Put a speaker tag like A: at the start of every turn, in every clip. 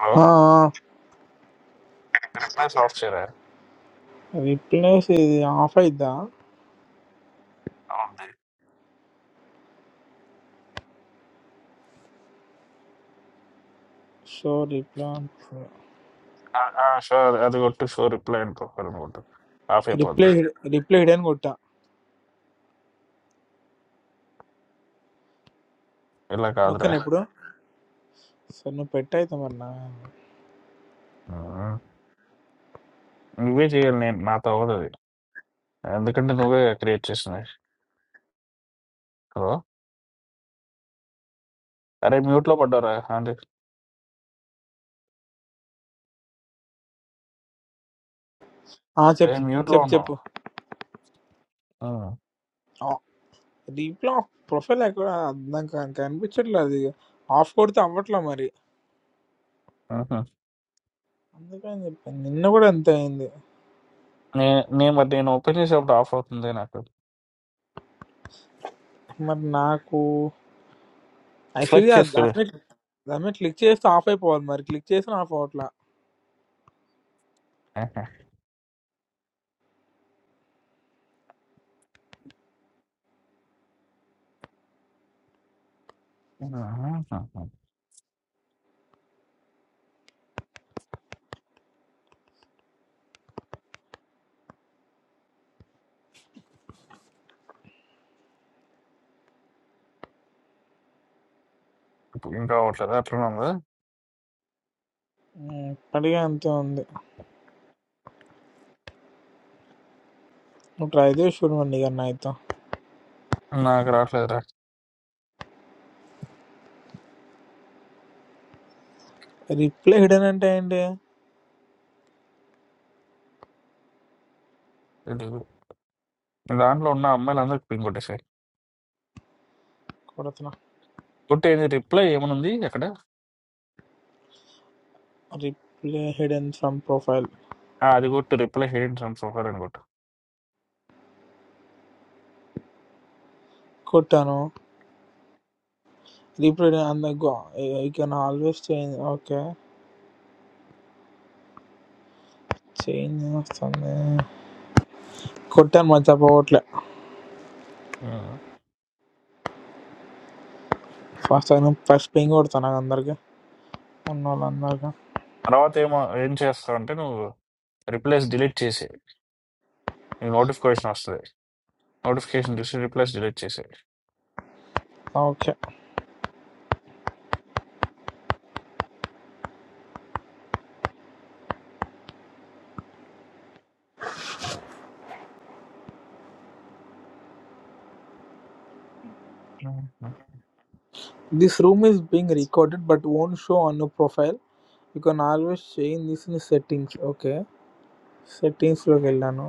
A: Hello replies off చేయరా
B: replays ఇది off అయిద్దా
A: ఉంది
B: షో రిప్లై
A: షూర్ అది కొట్టు షూర్ రిప్లై అండ్ ప్రొఫైల్ అని కొట్టు ఆఫ్ అయిపోద్ది
B: రిప్లై రిప్లై హిడెన్ కొట్టా
A: ఇలా కాదురా
B: ఓకేనా ఇప్పుడు సరే నువ్వు పెట్ట అయితే మరి నా
A: ఉమ్. నువ్వే చేయాలి నేను నాతో అవ్వదు అది ఎందుకంటే నువ్వే క్రియేట్ చేసినవి హలో అరే మ్యూట్ లో పడ్డారా అంటే
B: ఆ,
A: అరే
B: చెప్పు
A: మ్యూట్ లో
B: చెప్పు
A: ఉన్నావు
B: చెప్పు
A: ఉమ్.
B: రీప్లై ఆఫ్ ప్రొఫైల్ ఎక్కడ నాకు కన్- కనిపించట్లేదు అది ఆఫ్ కొడితే అవ్వట్లా మరి
A: ఉహు.
B: అందుకని చెప్పాను నిన్న కూడా అంతే అయింది
A: నే నేను మరి నేను ఓపెన్ చేసేప్పుడు ఆఫ్ అవుతుంది నాకు
B: మరి నాకు యాక్చువల్లీ
A: సెలెక్ట్ చేసుకోలే
B: దాని దాని మీద క్లిక్ చేస్తే ఆఫ్ అయిపోవాలి మరి క్లిక్ చేసిన ఆఫ్ అవ్వట్లా
A: ఆహా. ఉహు. ఇప్పుడు ఇంకా అవ్వట్లేదు అట్లా ఉందా
B: ఉమ్, ఇప్పటికే అంతే ఉంది నువ్వు ట్రై చేసి చూడు మరి నీకన్నా అయితే
A: నాకు రావట్లేదురా
B: రిప్లై హిడెన్ అంటే ఏంటి
A: ఇది దాంట్లో ఉన్న అమ్మాయిలందరికి పింగ్ కొట్టేసాయి
B: కొడతనా
A: కొట్టేది రిప్లై ఏమనుంది అక్కడ
B: రిప్లే హిడెన్ ఫ్రమ్ ప్రొఫైల్
A: ఆ! అది కొట్టు. రిప్లేస్ ఎడిట్ ఫ్రమ్ ప్రొఫైల్ అని కొట్టు.
B: కొట్టాను రీప్లే అంద I can always change okay change వస్తుంది కొట్టాను మంచిగా పోవట్లే
A: హ్మ్.
B: ఫస్ట్ టైం ఫస్ట్ పింగ్ కొడతాను నాకు అందరికి ఉన్న వాళ్ళందరికీ
A: తర్వాత ఏమో ఏం చేస్తావంటే నువ్వు రిప్లేస్ డిలీట్ చేసేయి. నీకు నోటిఫికేషన్ వస్తది. నోటిఫికేషన్ చూసి రిప్లేస్ డిలీట్ చేసేయి.
B: ఓకే
A: హుహు.
B: This room is being recorded but own show on you profile you can always change this in settings okay సెట్టింగ్స్లోకి వెళ్ళాను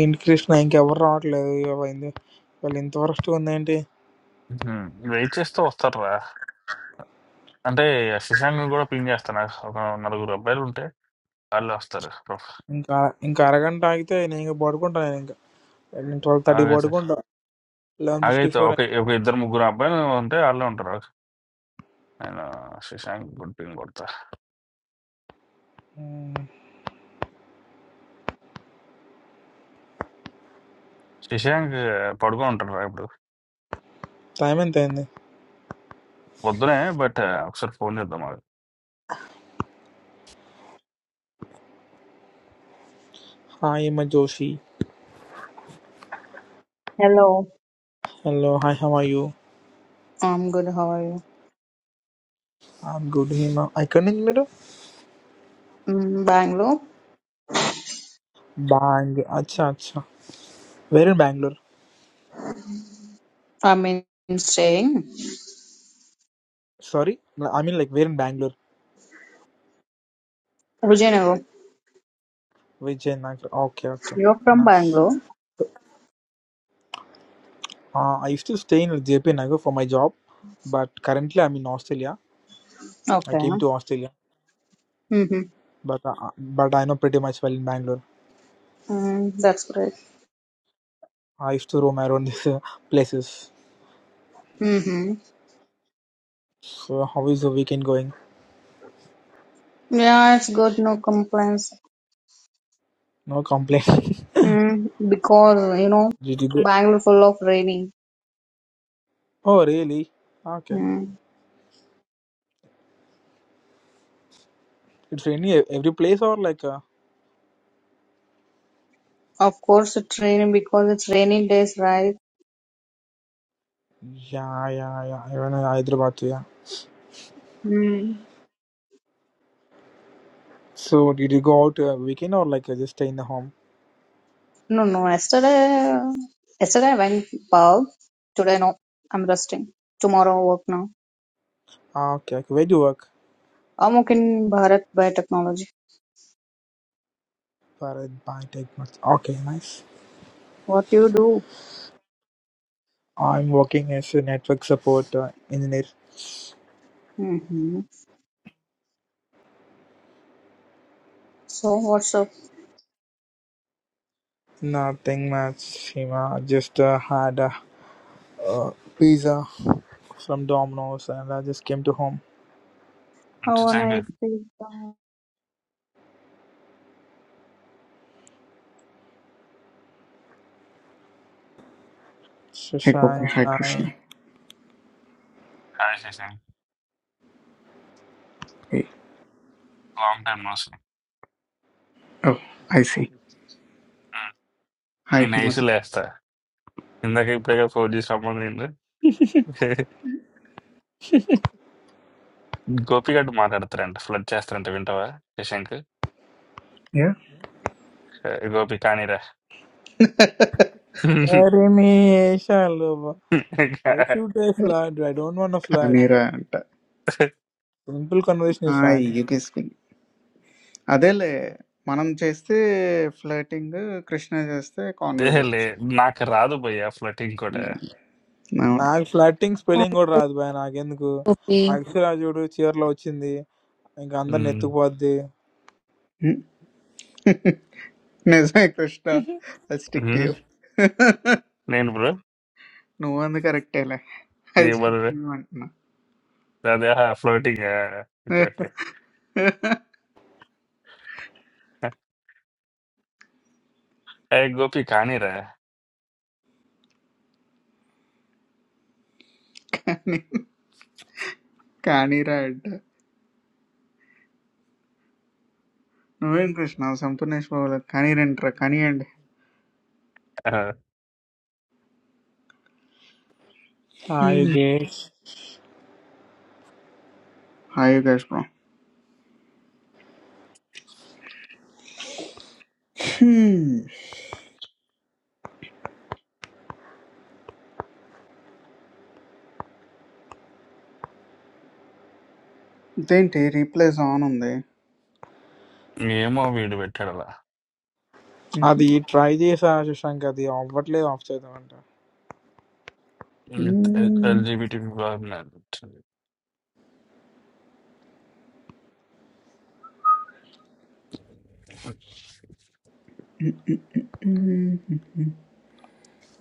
B: ఏంటి కృష్ణ ఇంకెవరు రావట్లేదు ఇవ్వండి వాళ్ళు ఇంత వరస్ట్గా ఉందేంటి
A: హ్మ్. వెయిట్ చేస్తే వస్తారురా. అంటే శశాంక్‌ని కూడా పింగ్ చేస్తా. నాకు ఒక నలుగురు అబ్బాయిలు ఉంటే ఆళ్ళే వస్తారు. ప్రొఫ్
B: ఇంకా ఇంకా అరగంట ఆగితే నేను ఇంకా పడుకుంటాను నేను I mean twelve thirty. What do
A: ఆగైతే
B: you want? I am
A: ఆగైతే ఒక
B: fifty-four.
A: ఒక ఇద్దరు ముగ్గురు అబ్బాయిలు ఉంటే ఆళ్ళే ఉంటారు. నేను శశాంక్ కూడా పింగ్ కొడతా.
B: Hmm.
A: శశాంక్ పడుకొని ఉంటాడురా ఇప్పుడు.
B: Time and then,
A: పొద్దునే బట్ ఒకసారి ఫోన్ చేద్దాం ఆగు.
B: hi, my Josie.
C: Hello,
B: Hello, hi, how are you?
C: I'm good. How are you?
B: I am good, hima. I can't remember.
C: Mm, Bangalore.
B: Bang. Okay, okay. Where in Bangalore?
C: I mean, staying.
B: Sorry, I mean like where in Bangalore?
C: Virginia,
B: Which Chennai? Okay, okay.
C: you're from
B: Nice.
C: Bangalore.
B: I used to stay in Japan ago for my job, but currently I am in Australia. I
C: Okay.
B: came to Australia,
C: Mm-hmm.
B: but uh, but I know pretty much well in Bangalore.
C: Mm, that's great.
B: I used to roam around these uh, places.
C: Mm-hmm.
B: So how is the weekend going?
C: Yeah, it's good. No complaints.
B: No complaints.
C: Mm, because you know,
B: Did you go?
C: Bangalore full of raining.
B: Oh, really? Ah, Okay.
C: Mm.
B: It's any every place or like uh,
C: Of course, it's raining because it's rainy days, right?
B: yeah, yeah, yeah. Even in Hyderabad, yeah.
C: Mm.
B: So did you go out uh, weekend or like uh, just stay in the home?
C: No, no. Yesterday, yesterday I went pub. Today, no. I'm resting. Tomorrow, work now.
B: Ah, Okay. okay. Where do you work?
C: I'm working in Bharat Biotechnology.
B: Bharat Bhai Tech Mats. Okay, nice.
C: What you do?
B: I'm working as a network support uh, engineer.
C: hmm So what's up?
B: Nothing much, Shima. Just uh, had a uh, pizza from Domino's and I just came to home.
C: Have a
A: Shashank
C: nice day. Bye.
D: Hi Gopi,
B: Shashank,
D: hi Krishna.
B: hi.
A: Hi Shashank.
D: Hey,
A: long time no see
D: oh, I see. Hi
A: నేను
D: Himad.
A: ఐసీలో వేస్తా ఇందాక ఇప్పుడే phone చేసి రమ్మని నేను గోపి గడ్డు మాట్లాడతారంట flood చేస్తారంట వింటావా శశాంక్
D: Yeah.
A: ఆ, Gopi కానీరా
B: Marry me, Shalom. I shoot a flat. I don't want a flat.
D: కానీరా అంట
B: సింపుల్ కన్వర్సేషన్
D: ఆ,
B: ఇస్ ఫైన్
D: ఎగేసుకుంది అదేలే మనం చేస్తే ఫ్లర్టింగ్ కృష్ణ చేస్తే
A: లే
D: కాన్వర్జేషన్
A: నాకు రాదు భయ్యా ఫ్లటింగ్ కూడా
D: అవును
B: నాకు ఫ్లాటింగ్
E: Hi,
B: స్పెల్లింగ్ కూడా రాదు బాయ్ నాకెందుకు
E: Gopi.
B: అక్షరా చూడు చీరలో వచ్చింది ఇంకా అందరిని
A: ఉమ్.
B: ఎత్తుకుపోద్ది
D: ఉమ్. నిజమే కృష్ణ అది స్టిక్ టు
A: ఉమ్.
D: యూ
A: నేను బ్రో
D: నువ్వు అందు కరెక్టేలే అది స్టిక్
A: ఏమరు
D: టు యూ అంటున్నా
A: అదే ఫ్లోటింగ్ ఓకే ఓకే ఏ గోపి కానీరా
D: కానీరా అంట నువ్వేం కృష్ణ సంపూర్ణేష్ బాబులో కానీరంటరా కానీయండి
A: ఆ,
B: Yogesh
D: hi Yugesh bro Hmm. ఇదేంటి రీప్లేస్ ఆన్ ఉంది
A: ఏమో వీడు పెట్టాడు అలా
D: ఐ
B: అది ట్రై చేసా శశాంక్ అది అవ్వట్లేదు ఆఫ్ చేద్దామంట
A: ఎల్జిబిటి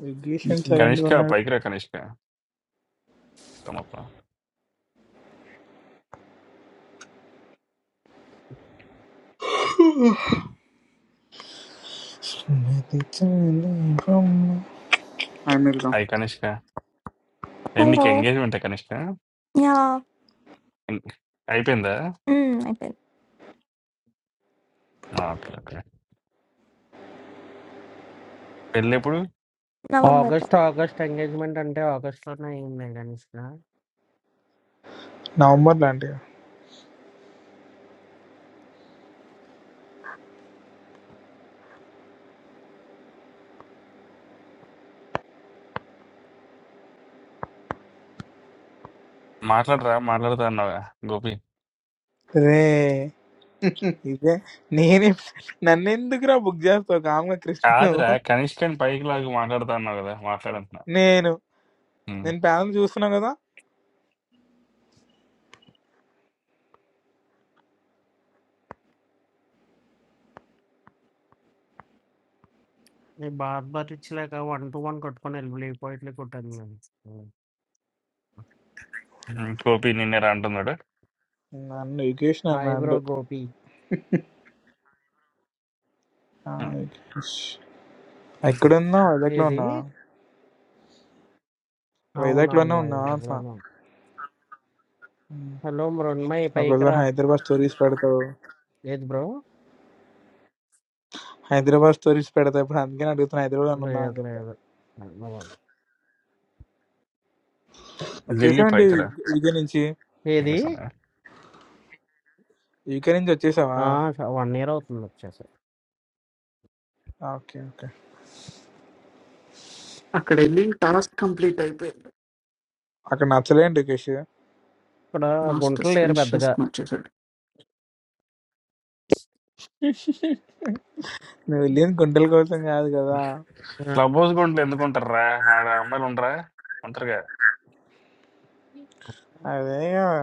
B: యోగేష్ అని సైలెంట్ గా
A: కనిష్క
B: ఉన్నాడు
A: పైకి రా కనిష్క అబ్బా!
D: వెళ్దాం
A: హాయ్ కనిష్క. ఏం నీకు
F: Hello.
A: ఎంగేజ్‌మెంటా కనిష్క?
F: Yeah.
A: హ్మ్. అయిపోయిందా?
F: Mm, I bet.
A: ఆ! ఓకే. ఓకే. పెళ్ళెప్పుడు?
F: November,
G: ఆగస్ట్ ఆగస్ట్ ఎంగేజ్మెంట్ అంటే ఆగస్ట్ లోనే అయింది గణేష్
B: నవంబర్ లాంటి
A: మాట్లాడరా? మాట్లాడతా అన్నావుగా గోపి.
B: రే ఇదే నేనే నన్నెందుకురా బుక్ చేస్తావు కామ్గా కృష్ణను
A: కాదురా కనిష్కని పైకి లాగి మాట్లాడతా అన్నావు కదా! మాట్లాడంటున్నా.
B: నేను
A: హ్మ్.
B: నేను ప్యానల్ చూస్తున్నావు కదా
G: నీ బాత్ భరించలేక వన్ టు వన్ కొట్టుకొని వెళ్ళిపోయి ఇట్లా కొట్టాను నేను
A: హ్మ్. గోపి నిన్నేరా అంటున్నాడు.
B: నన్ను యోగేష్ నన్ను
G: హాయ్ బ్రో గోపి
A: హ్మ్.
B: అండు ఎక్కడున్నా వైజాగ్లో
G: ఏది
B: ఉన్నా
G: అవునవును
B: వైజాగ్లోనే ఉన్నా
G: వైజాగ్
B: అంటున్నా
G: లోను
B: ఉమ్.
G: హలో మృణ్మయ్ పైకి
B: ఒక్కోసారి
G: రా
B: హైదరాబాద్ స్టోరీస్ పెడతావు
G: లేదు బ్రో
B: హైదరాబాద్ స్టోరీస్ పెడతావు ఇప్పుడు అందుకని అడుగుతున్నా హైదరాబాద్ ఉన్నా అని
G: లేదు
B: చెప్పి
G: లేదు
A: లిల్లీ
B: వచ్చేసావండి
A: పైకి రా.
B: యూకే నుంచి
G: ఏది
A: చేస్తున్నా.
B: యూకే నుంచి వచ్చేసావా
G: వన్ ఇయర్ అవుతుంది వచ్చేసి
B: ఓకే ఓకే
D: అక్కడ వెళ్ళి టాస్క్ కంప్లీట్ అయిపోయింది
B: అక్కడ నచ్చలేండి రికేష్
G: ఇక్కడ
D: మాస్టర్స్
G: గుంటలు లేరు
D: ఫినిష్
G: పెద్దగా
D: చేసుకుని వచ్చేసాడు
B: నువ్వు వెళ్ళింది గుంటల కోసం కాదు కదా
G: ఆ,
A: క్లబ్ హౌస్ గుంటలు ఎందుకు ఉంటారురా? ఆడ అమ్మాయిలు ఉండరా? ఉంటారుగా.
B: అదే కదా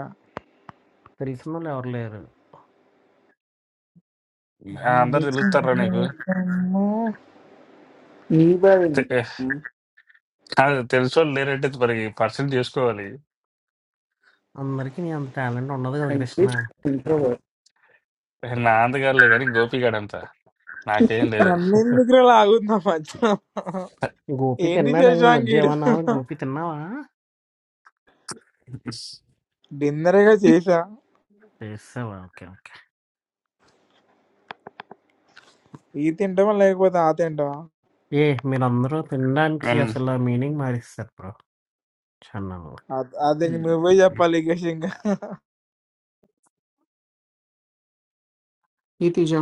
G: తెలిసిన వాళ్ళు ఎవరు లేరు
A: ఆ! అందరు
B: మరి
A: తెలుస్తారురా నీకు.
B: చిన్నతనము
D: నీ బాగా
A: తె కాదు తెలిసోళ్ళు లేరంటే మరి పరిచయం చేసుకోవాలి.
G: అందరికీ నీ అంత టాలెంట్ ఉండదు కదా
D: అయితే
G: కృష్ణ
D: ఇంట్రోవర్
A: నాందగారులే గాని గోపిగాడంతా. నాకేం లేదు.
B: నన్నెందుకురా లాగుతున్నా మధ్యలో
G: గోపి
B: ఏంటి
G: తిన్నాడా ఈ
B: చేసాం
G: మధ్య
B: గీడు
G: ఏమన్నా గోపి తిన్నావా
B: డిన్నర్ గా చేసా
G: చేసావా ఓకే ఓకే
B: ఈ తింటామా లేకపోతే ఆ తింటామా
G: ఏ మీరందరూ తినడానికి
A: నేను
G: అసలు మీనింగ్ మారిస్తారు bro channel
B: I, I think నువ్వే చెప్పాలి ఇక ఇంకా
D: ఈ Teja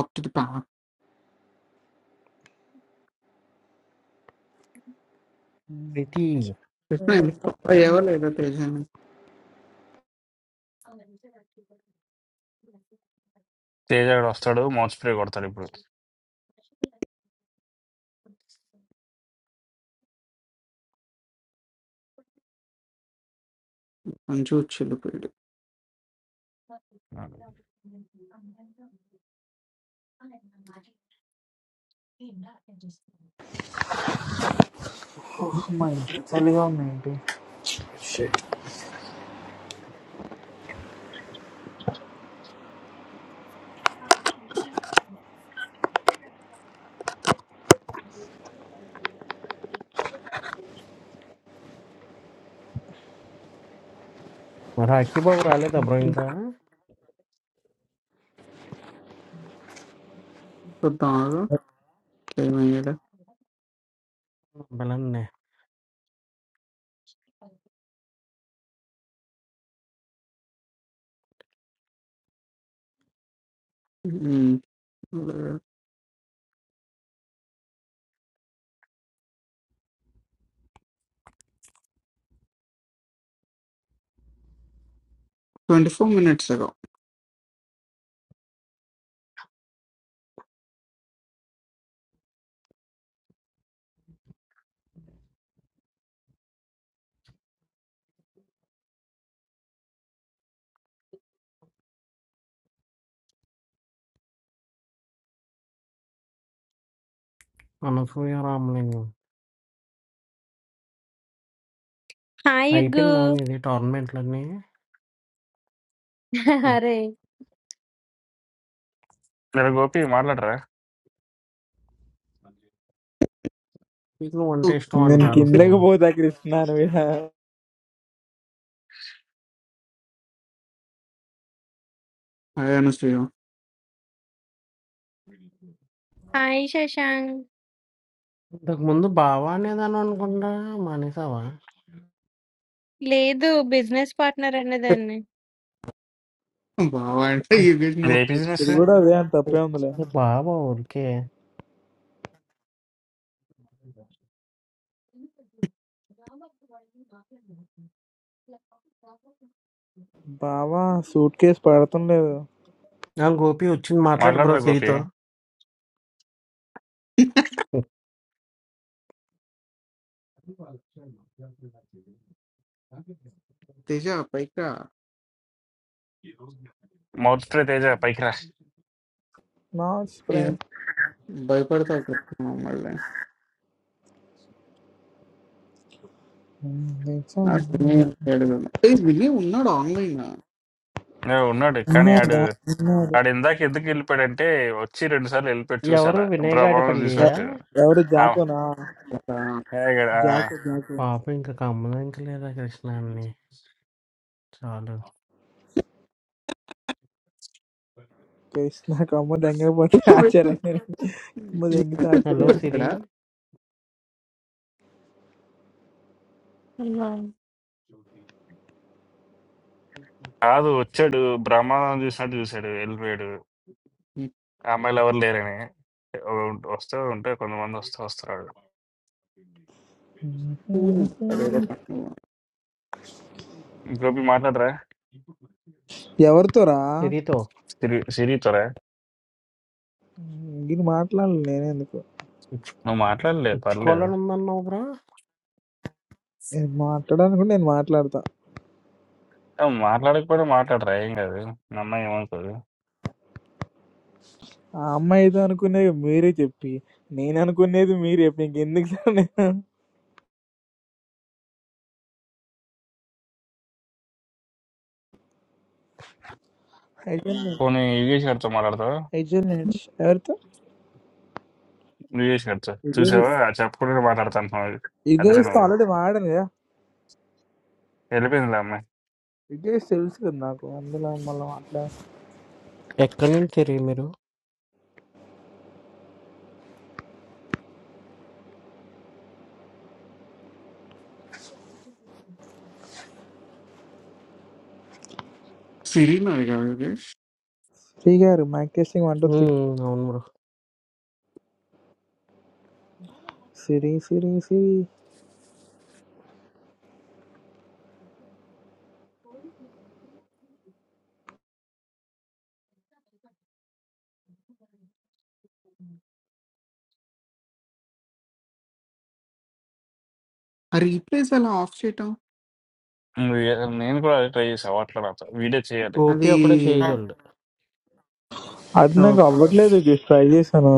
D: up to the power
G: Preethi
D: Krishna ఎవరు లేదా తేజ
A: తేజ గాడు వస్తాడు మౌత్ స్ప్రే కొడతాడు ఇప్పుడు
D: మంచి వచ్చిల్లిపోయాడు
B: మా ఇంటి చలిగా ఉంది ఏంటి
G: రాఖీ బాబు రాలేదా బ్రో ఇంకా
D: బాగా టైం అయ్యాడు
G: బలండి
D: twenty four minutes ago
G: Anasuya Ramalingam
H: Hi,
G: అయిపోయిందా
H: Ugu.
G: నీది టోర్నమెంట్లన్నీ
H: Hare.
A: మీరు గోపి మాట్లాడరా
G: నీకు నువ్వు అంటే ఇష్టం అంట
B: నేను
G: అనసూయ
B: కిందకి పోతా కృష్ణ నువ్వు ఇలా.
D: అయ్యాను శ్రీయో
H: Hi, Shashank.
G: ఇంతకు ముందు బావా అనేదాను అనుకుంటా మానేసావా
H: Le do business partner anna dhanne.
D: బావా అంటే ఈ వీడు
A: ఇది
D: నువ్వు
A: ఏ
B: ఇప్పుడు
A: బిజినెస్
B: కూడా అదే అంత తప్పే ఉందిలే
G: ఏ బావా ఊరికే
B: బావా సూట్ కేసు పడటం లేదు
G: ఆ గోపి వచ్చింది మాట్లాడు బ్రో
A: మాట్లాడరా గోపి
G: సిరితో
D: తేజ పైకా
A: మౌత్ స్ప్రే తేజ పైకి రా
B: నా స్ప్రెడ్
D: భయపడతా అక్కడ మళ్ళీ
B: ఉన్నాడా
D: ఏడు విని ఉన్నాడు ఆన్లైన్
A: ఏ, ఉన్నాడు కానీ ఆడు
B: ఉన్నాడు
A: ఆడు ఇందాక ఎందుకు వెళ్ళిపోయాడంటే వచ్చి రెండు సార్లు వెళ్ళిపోయాడు
G: ఎవరు
A: చూసాలా
G: వినయ్
A: బ్రహ్మాండం
B: ఎ-
G: గాడిపల్లియా
A: చూసినట్టు
B: ఎవరు
A: ఆ,
B: జాకోనా
A: ఏ గడ- ఆ,
B: జాకో జాకో
G: పాపం ఇంక గమనించలేదా కృష్ణాని. చాలు.
B: కృష్ణ కమ్మ దెంగపోతే
D: పెట్టాడా
B: ఆశ్చర్యంగా కమ్మ దెంగితే
G: హలో
B: ఆశ్చర్యాన్ని
G: సిరి.
I: Amen.
A: కాదు వచ్చాడు బ్రహ్మాండం చూసినట్టు చూశాడు వెళ్ళిపోయాడు ఆ అమ్మాయిలు ఎవరు లేరని ఉం- వస్తూ ఉంటే కొంతమంది వస్తూ వస్తారు గోపి మాట్లాడరా
B: ఎవరితోరా
G: సిరితో
A: సిరి సిరితోరా
B: నేను మాట్లాడను నేను ఎందుకు
G: ఇచ్
A: నువ్వు మాట్లాడలే పర్లేదు
G: ఇచ్చుకోవాలనుందన్నావు బ్రో.
B: మాట్లాడాలనుకుంటే నేను మాట్లాడతా
A: ఆ! మాట్లాడకపోయినా మాట్లాడరా ఏం కాదు. మీ అమ్మాయి ఏమనుకోదు.
B: ఆ అమ్మాయి ఏదో అనుకునేది మీరే చెప్పి నేను అనుకునేది మీరు చెప్పి నీకు ఎందుకు సార్ నేను
A: పోనీ యోగేష్ గారితో మాట్లాడతావా?
B: ఐజోనేట్స్ ఎవరితో
A: యోగేష్ గారితో చూసావా? చెప్పకుండా మాట్లాడతా అంటున్నావు. అదిరే
B: యుగేష్తో
A: నువ్వు.
B: ఆల్రెడీ వాడాను కదా
A: వెళ్ళిపోయిందిలే అమ్మాయి.
B: యుగేష్ తెలుసు కదా నాకు అందులో మళ్ళీ మాట్లాడ
G: ఎక్కడినుంచి సిరి మీరు?
D: సిరీనా అది కాదు Yogesh
B: Sri garu mike testing one two three
G: హ్మ్. అవును బ్రో.
B: సిరి సిరి సిరి
D: ఆ రీప్లేస్ అలా ఆఫ్ చేయటం
A: నువ్వు ఏ- నేను కూడా అదే ట్రై చేసా అవ్వట్లే నాతో. వీడియో చేయాలి.
G: గోపి
D: అది
G: ఒక్కడే చేయగలడు.
B: అది
D: ఆ,
B: నాకు అవ్వట్లేదు యుగేష్ ట్రై చేశాను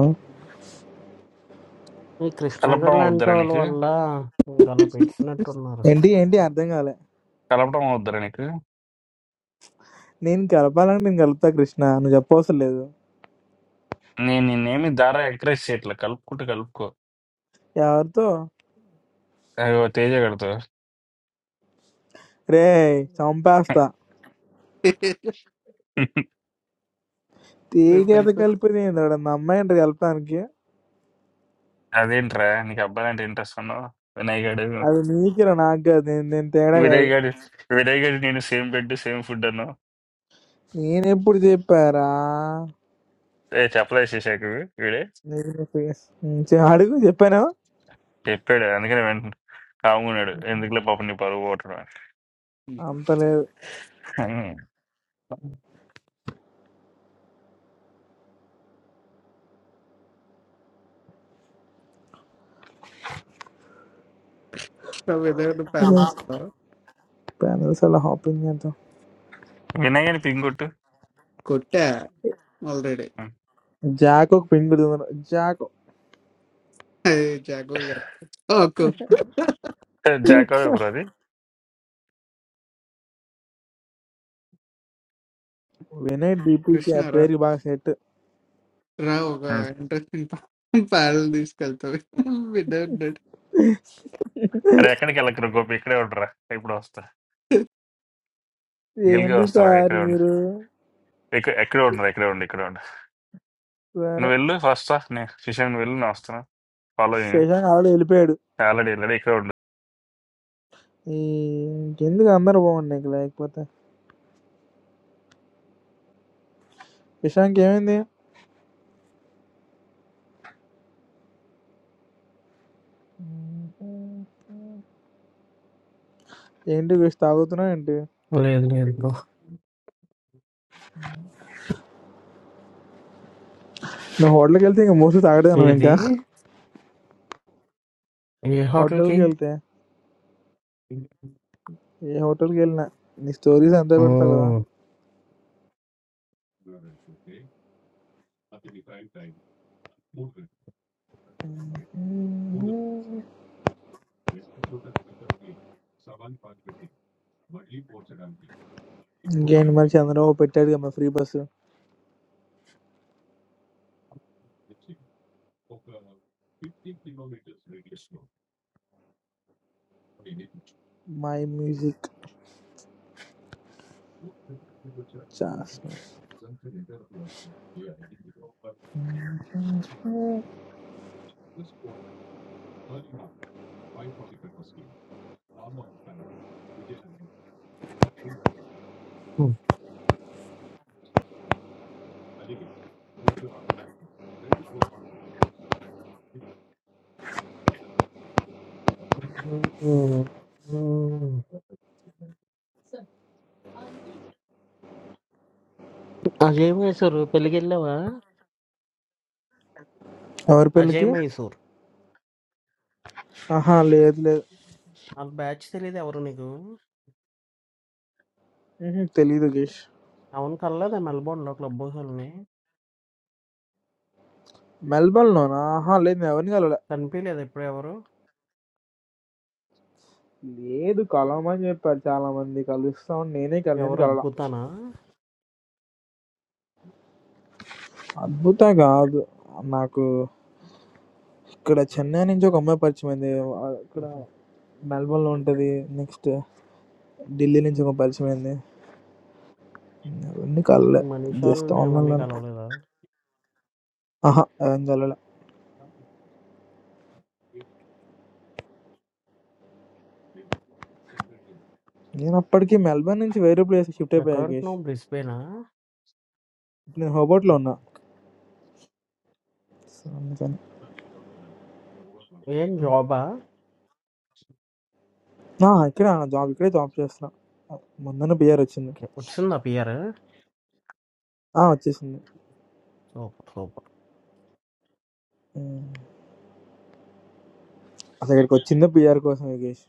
G: ఈ కృష్ణ గారు
A: కలపడం
G: లాంటి
A: అవుద్దరా
G: వాళ్ళ
A: నీకు?
G: వల్ల ఇంక అలా పెట్టేసినట్టున్నారు.
B: ఏంటి ఏంటి అర్థం కాలే
A: కలపడం అవుద్దరా నీకు?
B: నేను కలపాలని నేను కలుపుతా కృష్ణ నువ్వు చెప్పవసరం లేదు
A: నేను నిన్నేమి దారా ఎంకరేజ్ చేయట్లే. కలుపుకుంటే కలుపుకో.
B: ఎవరితో
A: అయ్యో తేజ గారితో.
B: రే చంపేస్తా
D: ఇప్పుడు
B: తేగేత
D: పైకి
B: కలిపేది ఏంది వాడు మా అమ్మాయి అంటారు కలపడానికి
A: అదేంట్రా నీకు అబ్బాయిలంటే ఇంట్రెస్ట్ అన్నావు? వినయ్ గాడు
B: అది నీకురా నాకు కాదు నేను నేను తేడా
A: వినయ్
B: కాదు
A: గాడు వినయ్ గాడు నేను సేమ్ బెడ్ సేమ్ ఫుడ్ అన్నావు.
B: నేను ఎప్పుడు చెప్పారా
A: ఏ చెప్పలే శేషాకు వీడే
B: నీకు నీ face. ఉం, చె- అడుగు చెప్పాను
A: చెప్పాడు అందుకని వెంటనే కాముకున్నాడు ఎందుకులే పాపం నీ పరువు పోవటం
D: వచ్చింది
B: అంత లేదు
A: అని
D: పాలతో
B: చెప్పాను అసలు హాపింగ్ చేద్దాం
A: వినయ్ పింగ్ కొట్టు
D: కొట్టా ఆల్రెడీ
B: జాక్ ఒక పింగ్ జాక్
D: జాగో గారు ఒక
A: జాకో బ్రో అది
B: వినయ్ డీపీకి
D: కృష్ణ
B: ఆ
D: రా
B: పేరు బాగా సెట్
D: రా ఒక
A: ఉం.
D: ఇంట్రెస్టింగ్ పాటలు తీసుకెళ్తావు బిడ్డ ఉన్నాడు
A: అరే ఎక్కడికి వెళ్ళకరు గోపి ఇక్కడే ఉండరా ఇప్పుడు వస్తా గెలిగే
B: ఏంటి
A: వస్తారా
B: సార్
A: ఇక్కడే ఉండు
B: మీరు
A: ఇక్కడ ఎక్కడే ఉండరా ఇక్కడే ఉండు ఇక్కడే ఉండు
B: సరే
A: నువ్వు వెళ్ళు ఫస్ట్ నేను శిశాంక్ నువ్వు వెళ్ళు నేను వస్తాను ఫాలో
B: శశాంక్ ఆల్రెడీ వెళ్ళిపోయాడు
A: ఆల్రెడీ వెళ్ళాడు ఇక్కడే ఉండు
B: ఈ ఎందుకు అందరు బాగుండి నీకు లేకపోతే శశాంక్ ఏమైంది ఏంటి వీసి తాగుతున్నావు ఏంటి
G: లేదు లేదు బ్రో.
B: నువ్వు హోటల్కి వెళ్తే ఇంకా మోస్ట్లీ తాగడే నువ్వు
G: ఏది?
B: ఇంకా
G: ఏ హోటల్‌కి?
B: హోటల్కి వెళ్తే ఏ హోటల్కి వెళ్ళినా నీ స్టోరీస్ అంతా పెడతావు కదా
G: ఓహ్!
B: ఇంకేంటి మరి చంద్రబాబు పెట్టాడు కదా free bus my music
G: Ajay Mysore పెళ్ళికెళ్ళావా?
B: ఎవరి
G: అజయ్
B: పెళ్ళికి
G: మైసూర్.
B: ఆహా లేదు లేదు
G: ఆళ్ళ బ్యాచ్ తెలీదా ఎవరో నీకు?
B: ఉహుం, తెలీదు గేష్
G: అవును కలలేదా మెల్బోర్న్‌లో క్లబ్ హౌస్‌లోని?
B: మెల్బోర్న్లోనా ఆహా లేదు నేను ఎవరిని కలవలే
G: కనిపియలేదా ఇప్పుడెవరు?
B: లేదు కలవమని చెప్పారు చాలా మంది కలుస్తాం నేనే కల
G: ఎవరు
B: నేను
G: ఎవరు
B: కలవలా
G: 'అద్భుతానా'?
B: అద్భుతం కాదు నాకు ఇక్కడ చెన్నై నుంచి ఒక అమ్మాయి పరిచయం అయింది ఆ, ఇక్కడ
G: హుహు.
B: మెల్బోర్న్లో ఉంటుంది నెక్స్ట్ ఢిల్లీ నుంచి ఒక పరిచయం అయింది అవన్నీ కలలే జస్ట్
G: 'మనీషాల్ని' అవన్నీ
B: ఆన్లైన్లోనే
G: కలవలేదా?
B: ఆహా ఏం కలలే నేను అప్పటికి మెల్బర్న్ నుంచి వేరే ప్లేస్ షిఫ్ట్ అయిపోయా
G: ఎక్కడ
B: యోగేష్
G: ఉంటున్నావు? బ్రిస్బేనా?
B: ఇప్పుడు నేను హోబర్ట్లో
G: ఓకే.
B: ఉన్నా సో అందుకని
G: ఏం జాబా?
B: ఆ, ఇక్కడ జాబ్ ఇక్కడే జాబ్ చేస్తున్నా మొన్న పిఆర్ వచ్చింది
G: ఓకే. వచ్చిందా పిఆర్?
B: ఆ, వచ్చేసింది
G: సూపర్. సూపర్.
B: ఉమ్. అసలు ఇక్కడికి వచ్చిందే పిఆర్ కోసం యోగేష్